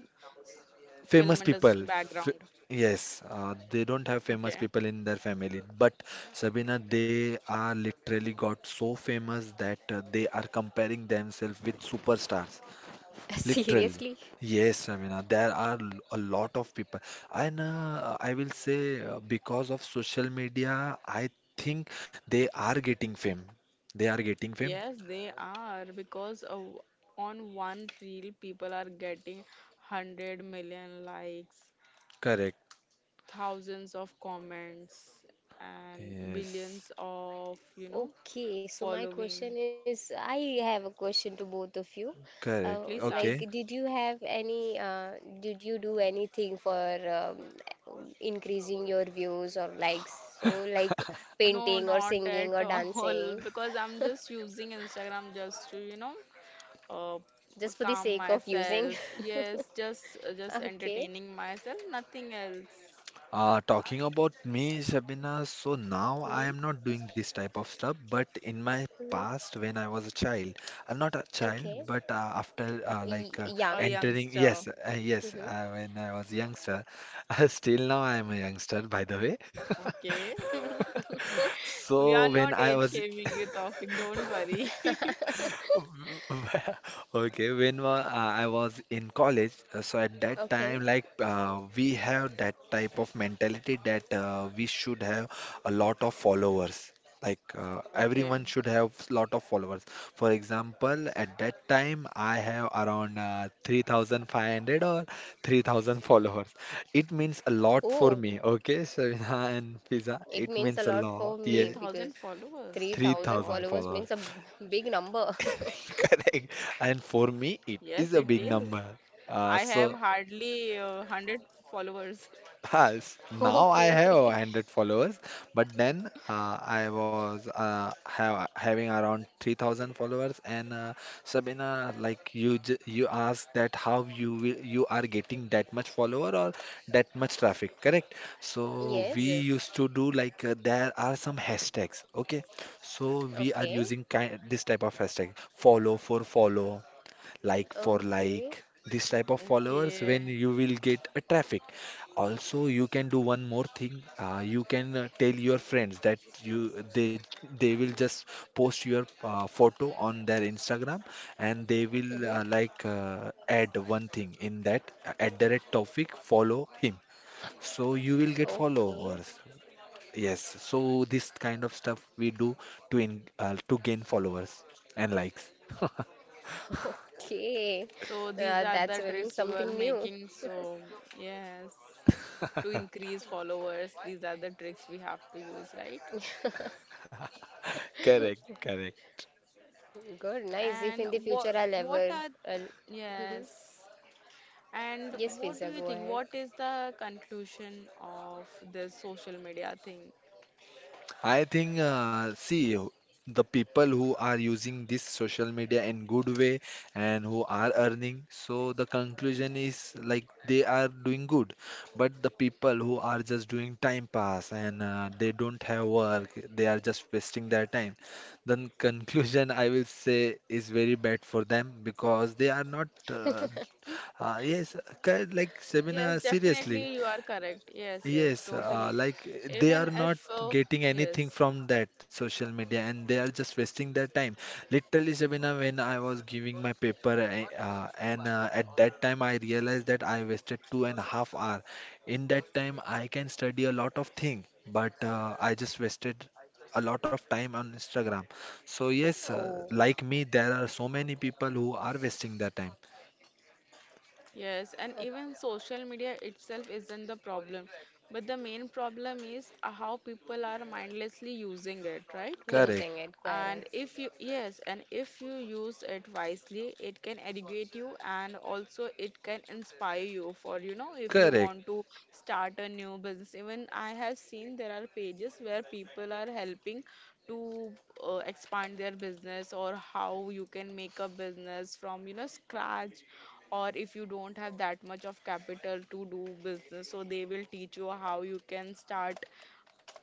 [SPEAKER 2] Famous
[SPEAKER 1] film
[SPEAKER 2] people.
[SPEAKER 1] industry background.
[SPEAKER 2] Yes, they don't have famous
[SPEAKER 1] Okay.
[SPEAKER 2] people in their family, but Sabina, they are literally got so famous that they are comparing themselves with superstars. Literally.
[SPEAKER 3] Seriously?
[SPEAKER 2] Yes, Sabina, there are a lot of people. And I will say, because of social media, I think they are getting fame. They are getting fame.
[SPEAKER 1] Yes, they are because of, on one reel people are getting 100 million likes,
[SPEAKER 2] Correct.
[SPEAKER 1] thousands of comments and
[SPEAKER 2] Yes.
[SPEAKER 1] billions of, you know,
[SPEAKER 3] Okay, so
[SPEAKER 1] following.
[SPEAKER 3] I have a question to both of you. Uh,
[SPEAKER 2] Correct.
[SPEAKER 1] Please
[SPEAKER 3] like,
[SPEAKER 1] ask.
[SPEAKER 2] Okay.
[SPEAKER 3] did you have any, uh, did you do anything for um, increasing your views or likes? So, like,
[SPEAKER 1] No,
[SPEAKER 3] painting or
[SPEAKER 1] not
[SPEAKER 3] singing
[SPEAKER 1] at
[SPEAKER 3] or
[SPEAKER 1] all,
[SPEAKER 3] dancing?
[SPEAKER 1] because I'm just using Instagram just to, uh,
[SPEAKER 3] Just for the
[SPEAKER 1] calm
[SPEAKER 3] sake of using.
[SPEAKER 1] myself. Yes, just
[SPEAKER 3] Okay.
[SPEAKER 1] entertaining myself, nothing else.
[SPEAKER 2] Talking about me, Shabina, so now I
[SPEAKER 3] Mm-hmm.
[SPEAKER 2] am not doing this type of stuff, but in my past,
[SPEAKER 3] Mm-hmm.
[SPEAKER 2] when I was a child, not a child,
[SPEAKER 3] Okay.
[SPEAKER 2] but after like
[SPEAKER 3] Y-
[SPEAKER 1] A
[SPEAKER 3] young.
[SPEAKER 2] entering, yes,
[SPEAKER 1] youngster,
[SPEAKER 2] yes,
[SPEAKER 3] Mm-hmm.
[SPEAKER 2] when I was youngster, still now I am a youngster, by the way.
[SPEAKER 1] okay? We
[SPEAKER 2] So
[SPEAKER 1] are
[SPEAKER 2] when
[SPEAKER 1] not
[SPEAKER 2] I
[SPEAKER 1] age
[SPEAKER 2] was
[SPEAKER 1] shaming you, Taufik, don't worry.
[SPEAKER 2] okay, when I was in college, so at that time,
[SPEAKER 3] Okay.
[SPEAKER 2] like we have that type of mentality that we should have a lot of followers. Like everyone
[SPEAKER 1] Okay,
[SPEAKER 2] should have lot of followers. For example, at that time, I have around 3,500 or 3,000 followers. It means a lot for
[SPEAKER 3] Oh,
[SPEAKER 2] me. Okay, Shavina and Fiza,
[SPEAKER 1] 3,000
[SPEAKER 3] it
[SPEAKER 2] it
[SPEAKER 3] means a
[SPEAKER 2] means a
[SPEAKER 3] lot
[SPEAKER 1] followers.
[SPEAKER 2] lot.
[SPEAKER 3] for
[SPEAKER 1] Oh my
[SPEAKER 3] me,
[SPEAKER 2] Yeah,
[SPEAKER 3] because
[SPEAKER 1] God.
[SPEAKER 3] 3,000
[SPEAKER 2] 3,000
[SPEAKER 3] followers
[SPEAKER 2] followers.
[SPEAKER 3] means a big number.
[SPEAKER 2] Correct. And
[SPEAKER 1] Yes, it
[SPEAKER 2] for me,
[SPEAKER 1] is.
[SPEAKER 2] it is a big
[SPEAKER 1] I have
[SPEAKER 2] number.
[SPEAKER 1] hardly
[SPEAKER 2] So
[SPEAKER 1] 100 followers.
[SPEAKER 2] has now I have
[SPEAKER 3] Okay.
[SPEAKER 2] 100 followers, but then I was having around 3,000 followers. And Sabina, like you asked that how you will, you are getting that much follower or that much traffic, correct? So we
[SPEAKER 1] Yes.
[SPEAKER 3] Yes.
[SPEAKER 2] used to do like there are some hashtags, okay? So we are using
[SPEAKER 3] Okay.
[SPEAKER 2] kind this type of hashtag follow for follow, like for
[SPEAKER 3] Okay.
[SPEAKER 2] like, this type of followers
[SPEAKER 1] Okay.
[SPEAKER 2] when you will get a traffic. Also you can do one more thing. You can tell your friends that you they will just post your photo on their Instagram, and they will
[SPEAKER 3] Mm-hmm.
[SPEAKER 2] like add one thing in that, at the rate Taufik follow him, so you will get
[SPEAKER 3] Okay.
[SPEAKER 2] followers. Yes, so this kind of stuff we do to gain followers and likes.
[SPEAKER 3] Okay.
[SPEAKER 1] So these are the
[SPEAKER 3] That's
[SPEAKER 1] tricks
[SPEAKER 3] really
[SPEAKER 1] you are
[SPEAKER 3] something new.
[SPEAKER 1] making. So yes, to increase followers, these are the tricks we have to use, right?
[SPEAKER 2] Correct, correct.
[SPEAKER 3] Good, nice. If
[SPEAKER 1] And
[SPEAKER 3] in the future
[SPEAKER 1] what
[SPEAKER 3] I'll
[SPEAKER 1] what
[SPEAKER 3] ever.
[SPEAKER 1] are
[SPEAKER 3] I'll. Mhm.
[SPEAKER 1] yes. And
[SPEAKER 3] Yes,
[SPEAKER 1] what do
[SPEAKER 3] Fiza,
[SPEAKER 1] you
[SPEAKER 3] go
[SPEAKER 1] think?
[SPEAKER 3] ahead.
[SPEAKER 1] What is the conclusion of this social media thing?
[SPEAKER 2] I think, see, the people who are using this social media in good way and who are earning, so the conclusion is like they are doing good. But the people who are just doing time pass and they don't have work, they are just wasting their time. Then conclusion I will say is very bad for them because they are not. Yes, like Sabina,
[SPEAKER 1] Yes,
[SPEAKER 2] seriously,
[SPEAKER 1] definitely you are correct. Yes, yes,
[SPEAKER 2] yes,
[SPEAKER 1] totally.
[SPEAKER 2] like they
[SPEAKER 1] Even
[SPEAKER 2] are not
[SPEAKER 1] if,
[SPEAKER 2] getting anything
[SPEAKER 1] yes,
[SPEAKER 2] from that social media and they are just wasting their time. Literally, Shabina, when I was giving my paper, and at that time I realized that I wasted 2.5 hours. In that time, I can study a lot of thing, but I just wasted a lot of time on Instagram. So yes,
[SPEAKER 3] Oh,
[SPEAKER 2] like me, there are so many people who are wasting their time.
[SPEAKER 1] Yes, and even
[SPEAKER 3] okay.
[SPEAKER 1] social media itself isn't the problem, but the main problem is how people are mindlessly using it, right?
[SPEAKER 2] Correct,
[SPEAKER 3] Using it, correct.
[SPEAKER 1] And if you, yes, and if you use it wisely, it can educate you and also it can inspire you for, you know, if you
[SPEAKER 2] correct,
[SPEAKER 1] want to start a new business. Even I have seen there are pages where people are helping to expand their business or how you can make a business from, you know, scratch. Or if you don't have that much of capital to do business, so they will teach you how you can start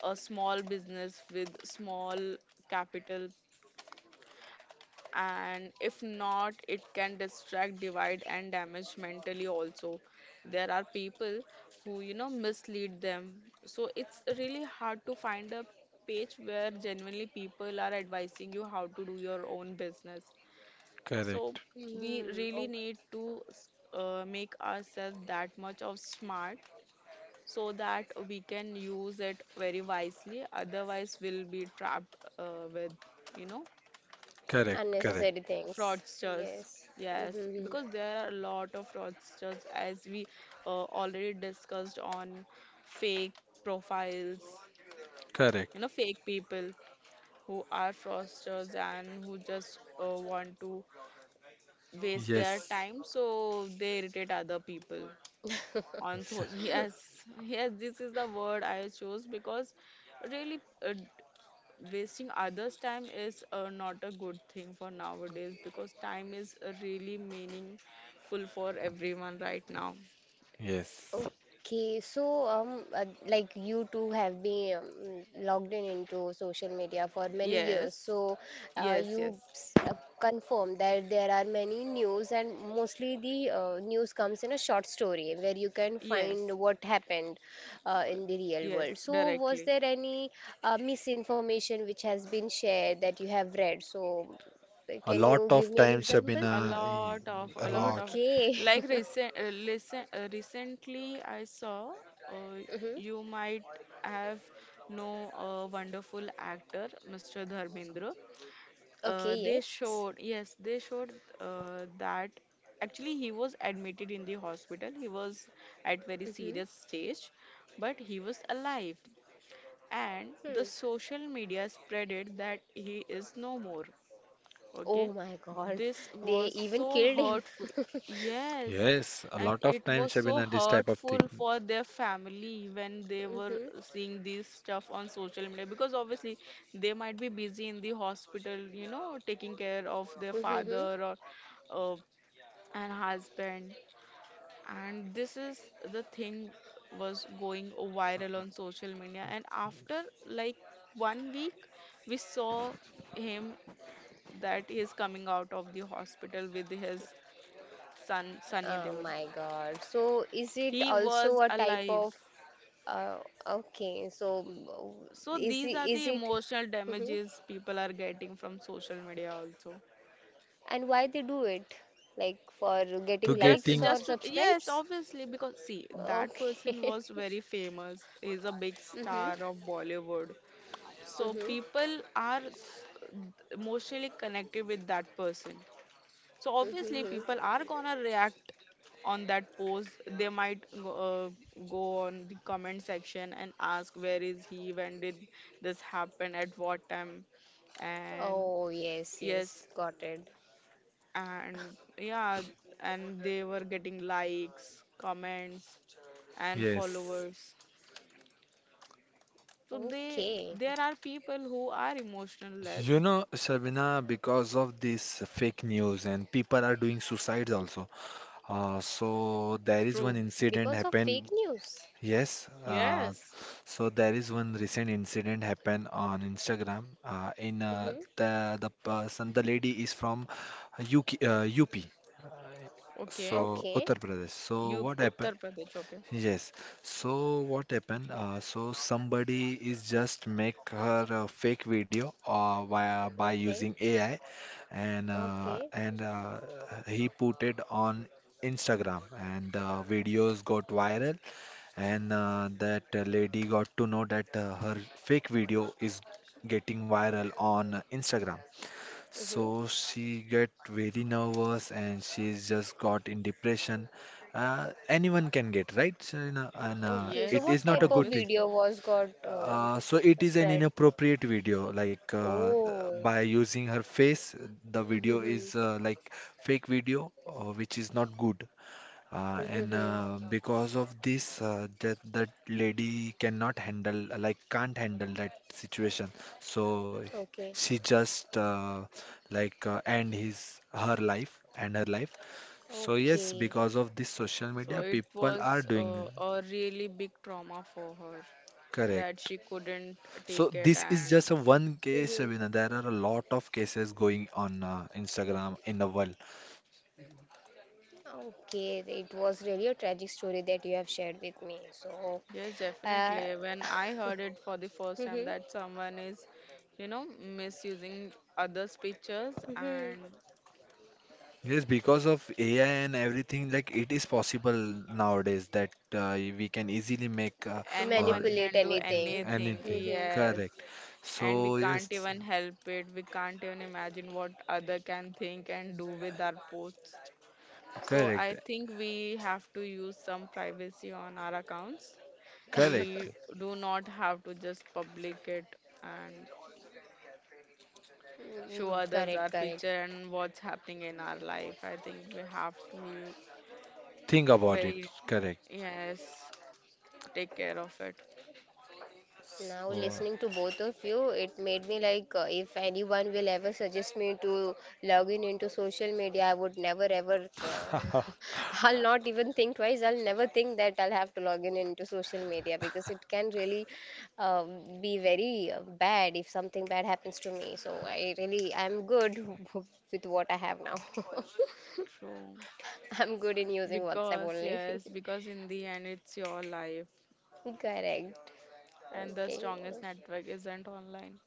[SPEAKER 1] a small business with small capital. And if not, it can distract, divide and damage mentally also. There are people who, you know, mislead them, so it's really hard to find a page where genuinely people are advising you how to do your own business. So
[SPEAKER 2] correct,
[SPEAKER 1] we really
[SPEAKER 3] Oh,
[SPEAKER 1] need to make ourselves that much of smart, so that we can use it very wisely, otherwise we'll be trapped with, you know,
[SPEAKER 2] correct, correct,
[SPEAKER 3] unnecessary things.
[SPEAKER 1] fraudsters.
[SPEAKER 3] Yes.
[SPEAKER 1] Yes,
[SPEAKER 3] Mm-hmm.
[SPEAKER 1] because there are a lot of fraudsters as we already discussed on fake profiles,
[SPEAKER 2] correct.
[SPEAKER 1] you know, fake people who are fraudsters and who just want to waste their
[SPEAKER 2] Yes.
[SPEAKER 1] time, so they irritate other people on social. Yes, yes, this is the word I chose because really, uh, wasting others' time is not a good thing for nowadays, because time is really meaningful for everyone right now.
[SPEAKER 2] Yes.
[SPEAKER 3] Okay, so like, you two have been, logged in into social media for many years.
[SPEAKER 1] Yes,
[SPEAKER 3] So, uh,
[SPEAKER 1] yes, yes,
[SPEAKER 3] you s- uh, confirm that there are many news, and mostly the news comes in a short story, where you can
[SPEAKER 1] yes,
[SPEAKER 3] find what happened
[SPEAKER 1] uh,
[SPEAKER 3] in the real
[SPEAKER 1] yes,
[SPEAKER 3] world. So was
[SPEAKER 1] directly.
[SPEAKER 3] there any misinformation which has been shared that you have read? So
[SPEAKER 2] A
[SPEAKER 3] can
[SPEAKER 2] lot
[SPEAKER 3] you give
[SPEAKER 2] of
[SPEAKER 3] me an
[SPEAKER 2] times,
[SPEAKER 3] example?
[SPEAKER 2] Shabina,
[SPEAKER 1] A
[SPEAKER 2] a
[SPEAKER 1] lot
[SPEAKER 2] lot.
[SPEAKER 1] of,
[SPEAKER 3] Okay.
[SPEAKER 1] like recent, listen, recently I saw uh,
[SPEAKER 3] Hmm.
[SPEAKER 1] you might have know a wonderful actor, Mr. Dharmendra.
[SPEAKER 3] Okay,
[SPEAKER 1] They
[SPEAKER 3] yes.
[SPEAKER 1] showed, yes, they showed that actually he was admitted in the hospital. He was at very
[SPEAKER 3] Mm-hmm.
[SPEAKER 1] serious stage, but he was alive, and
[SPEAKER 3] Hmm.
[SPEAKER 1] the social media spreaded that he is no more. Okay,
[SPEAKER 3] Oh my God.
[SPEAKER 1] this was
[SPEAKER 3] They even
[SPEAKER 1] so
[SPEAKER 3] killed him.
[SPEAKER 1] hurtful. Yes,
[SPEAKER 2] Yes. A
[SPEAKER 1] and
[SPEAKER 2] lot of
[SPEAKER 1] it
[SPEAKER 2] times,
[SPEAKER 1] was so
[SPEAKER 2] Shabina, this type of
[SPEAKER 1] hurtful
[SPEAKER 2] thing.
[SPEAKER 1] for their family when they were
[SPEAKER 3] Hmm.
[SPEAKER 1] seeing this stuff on social media, because obviously they might be busy in the hospital, you know, taking care of their
[SPEAKER 3] Hmm.
[SPEAKER 1] father or uh, and husband. And this is the thing was going viral on social media. And after like 1 week, we saw him that he is coming out of the hospital with his son Sunny
[SPEAKER 3] Oh
[SPEAKER 1] Deol.
[SPEAKER 3] my God. So is it
[SPEAKER 1] He was
[SPEAKER 3] also a type of,
[SPEAKER 1] alive.
[SPEAKER 3] uh, okay, so,
[SPEAKER 1] So
[SPEAKER 3] is
[SPEAKER 1] these
[SPEAKER 3] it
[SPEAKER 1] are
[SPEAKER 3] is
[SPEAKER 1] the
[SPEAKER 3] it
[SPEAKER 1] emotional
[SPEAKER 3] hmm
[SPEAKER 1] damages people are getting from social media also.
[SPEAKER 3] and why they do it? Like, for getting
[SPEAKER 2] To
[SPEAKER 3] likes
[SPEAKER 1] Just
[SPEAKER 3] or
[SPEAKER 2] getting,
[SPEAKER 1] just to
[SPEAKER 3] subscribes?
[SPEAKER 1] yes, obviously, because see, that
[SPEAKER 3] Okay.
[SPEAKER 1] person was very famous. Is a big
[SPEAKER 3] Hmm,
[SPEAKER 1] star of Bollywood. So people are emotionally connected with that person. So
[SPEAKER 3] hmm,
[SPEAKER 1] obviously
[SPEAKER 3] hmm.
[SPEAKER 1] people are gonna react on that post. They might go, go on the comment section and ask where is he, when did this happen, at what time, and
[SPEAKER 3] Oh, yes,
[SPEAKER 1] yes,
[SPEAKER 3] yes, got it.
[SPEAKER 1] and yeah, and they were getting likes, comments, and
[SPEAKER 2] yes.
[SPEAKER 1] followers. So they
[SPEAKER 3] Okay,
[SPEAKER 1] there are people who are emotional
[SPEAKER 2] You
[SPEAKER 1] less.
[SPEAKER 2] know, Shabina, because of this fake news, and people are doing suicides also. So there is one
[SPEAKER 1] True.
[SPEAKER 2] incident
[SPEAKER 3] because of fake
[SPEAKER 2] happened.
[SPEAKER 3] news.
[SPEAKER 2] Yes.
[SPEAKER 1] Yes.
[SPEAKER 2] So there is one recent incident happened on Instagram. In
[SPEAKER 3] Mm-hmm.
[SPEAKER 2] The person, the lady is from UP.
[SPEAKER 1] Okay.
[SPEAKER 2] So
[SPEAKER 3] Okay,
[SPEAKER 2] Uttar Pradesh. So
[SPEAKER 1] You
[SPEAKER 2] what
[SPEAKER 1] Uttar
[SPEAKER 2] happened?
[SPEAKER 1] Pradesh. Okay.
[SPEAKER 2] Yes. So what happened? So somebody is just make her a fake video by
[SPEAKER 3] okay,
[SPEAKER 2] using AI, and uh,
[SPEAKER 3] okay.
[SPEAKER 2] and uh, he put it on Instagram, and videos got viral, and that lady got to know that her fake video is getting viral on Instagram,
[SPEAKER 3] Mm-hmm.
[SPEAKER 2] so she get very nervous and she's just got in depression. Anyone can get, right, Serena? And
[SPEAKER 3] Okay, so
[SPEAKER 2] it
[SPEAKER 3] what
[SPEAKER 2] is
[SPEAKER 1] Yes,
[SPEAKER 2] not a
[SPEAKER 3] type of
[SPEAKER 2] good thing.
[SPEAKER 1] obviously.
[SPEAKER 3] video was got
[SPEAKER 2] So it is an
[SPEAKER 3] spread?
[SPEAKER 2] inappropriate video. Like
[SPEAKER 3] Oh,
[SPEAKER 2] by using her face, the video
[SPEAKER 3] mm-hmm.
[SPEAKER 2] is like fake video, which is not good. And
[SPEAKER 3] Mm-hmm.
[SPEAKER 2] because of this, that that lady cannot handle, like can't handle that situation. So
[SPEAKER 3] Okay,
[SPEAKER 2] she just like end his her life. So
[SPEAKER 3] okay.
[SPEAKER 2] yes, because of this social
[SPEAKER 1] So
[SPEAKER 2] media,
[SPEAKER 1] it
[SPEAKER 2] people
[SPEAKER 1] was
[SPEAKER 2] are doing
[SPEAKER 1] a really big trauma for her that
[SPEAKER 2] correct.
[SPEAKER 1] she couldn't take
[SPEAKER 2] So
[SPEAKER 1] it.
[SPEAKER 2] this is
[SPEAKER 1] And
[SPEAKER 2] just a one case,
[SPEAKER 3] Mm-hmm.
[SPEAKER 2] Shabina. There are a lot of cases going on Instagram in the world.
[SPEAKER 3] Okay, it was really a tragic story that you have shared with me. So,
[SPEAKER 1] yes,
[SPEAKER 3] uh,
[SPEAKER 1] definitely. When I heard it for the first time that someone is, you know, misusing others' pictures
[SPEAKER 3] mm-hmm,
[SPEAKER 1] and
[SPEAKER 2] Yes, because of AI and everything, like it is possible nowadays that we can easily make or
[SPEAKER 1] anyone
[SPEAKER 3] manipulate
[SPEAKER 1] can do
[SPEAKER 3] anything.
[SPEAKER 1] anything.
[SPEAKER 2] anything.
[SPEAKER 3] Mhm.
[SPEAKER 1] Yes.
[SPEAKER 2] Correct.
[SPEAKER 1] And we
[SPEAKER 2] So
[SPEAKER 1] can't
[SPEAKER 2] yes,
[SPEAKER 1] even help it. We can't even imagine what other can think and do with our posts. So
[SPEAKER 2] correct,
[SPEAKER 1] I think we have to use some privacy on our accounts.
[SPEAKER 2] correct.
[SPEAKER 1] We do not have to just public it and show others
[SPEAKER 3] Correct,
[SPEAKER 1] our
[SPEAKER 3] correct.
[SPEAKER 1] picture and what's happening in our life. I think we have to
[SPEAKER 2] Think about it.
[SPEAKER 1] very,
[SPEAKER 2] Correct.
[SPEAKER 1] yes, take care of it.
[SPEAKER 3] Now,
[SPEAKER 2] So,
[SPEAKER 3] listening to both of you, it made me like, if anyone will ever suggest me to log in into social media, I would never ever,
[SPEAKER 2] so
[SPEAKER 3] I'll not even think twice. I'll never think that I'll have to log in into social media, because it can really be very bad if something bad happens to me. So, I'm good with what I have now.
[SPEAKER 1] True.
[SPEAKER 3] I'm good in using WhatsApp
[SPEAKER 1] Because,
[SPEAKER 3] only.
[SPEAKER 1] yes, because in the end, it's your life,
[SPEAKER 3] Correct.
[SPEAKER 1] and the
[SPEAKER 3] Okay.
[SPEAKER 1] strongest network isn't online.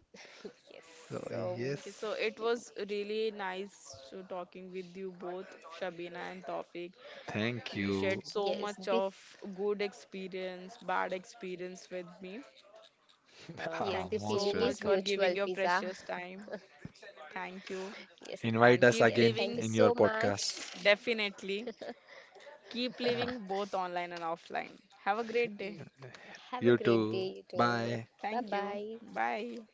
[SPEAKER 3] Yes. So,
[SPEAKER 1] Okay,
[SPEAKER 2] yes,
[SPEAKER 1] so it was really nice to talking with you both, Shabina and Tawfiq.
[SPEAKER 2] thank
[SPEAKER 1] You
[SPEAKER 2] you.
[SPEAKER 1] shared so
[SPEAKER 3] yes,
[SPEAKER 1] much
[SPEAKER 3] the
[SPEAKER 1] of good experience, bad experience with me.
[SPEAKER 3] yes,
[SPEAKER 1] Thank
[SPEAKER 3] the
[SPEAKER 1] you
[SPEAKER 2] Most
[SPEAKER 1] so
[SPEAKER 3] feeling is
[SPEAKER 1] much
[SPEAKER 2] welcome.
[SPEAKER 1] for
[SPEAKER 3] mutual,
[SPEAKER 1] giving your
[SPEAKER 3] Fiza.
[SPEAKER 1] precious time. Thank you.
[SPEAKER 3] Yes.
[SPEAKER 2] Invite
[SPEAKER 1] And
[SPEAKER 2] us
[SPEAKER 3] Yes.
[SPEAKER 1] keep
[SPEAKER 3] Thank
[SPEAKER 2] again
[SPEAKER 3] you
[SPEAKER 1] living,
[SPEAKER 3] so
[SPEAKER 2] in your
[SPEAKER 3] much.
[SPEAKER 2] podcast.
[SPEAKER 1] definitely. Keep
[SPEAKER 2] Ah,
[SPEAKER 1] living both online and offline. Have a great day.
[SPEAKER 3] Y- Have a
[SPEAKER 2] you
[SPEAKER 3] great day,
[SPEAKER 2] too.
[SPEAKER 3] you too.
[SPEAKER 2] Bye.
[SPEAKER 3] Bye
[SPEAKER 1] Thank you.
[SPEAKER 3] bye.
[SPEAKER 1] Bye.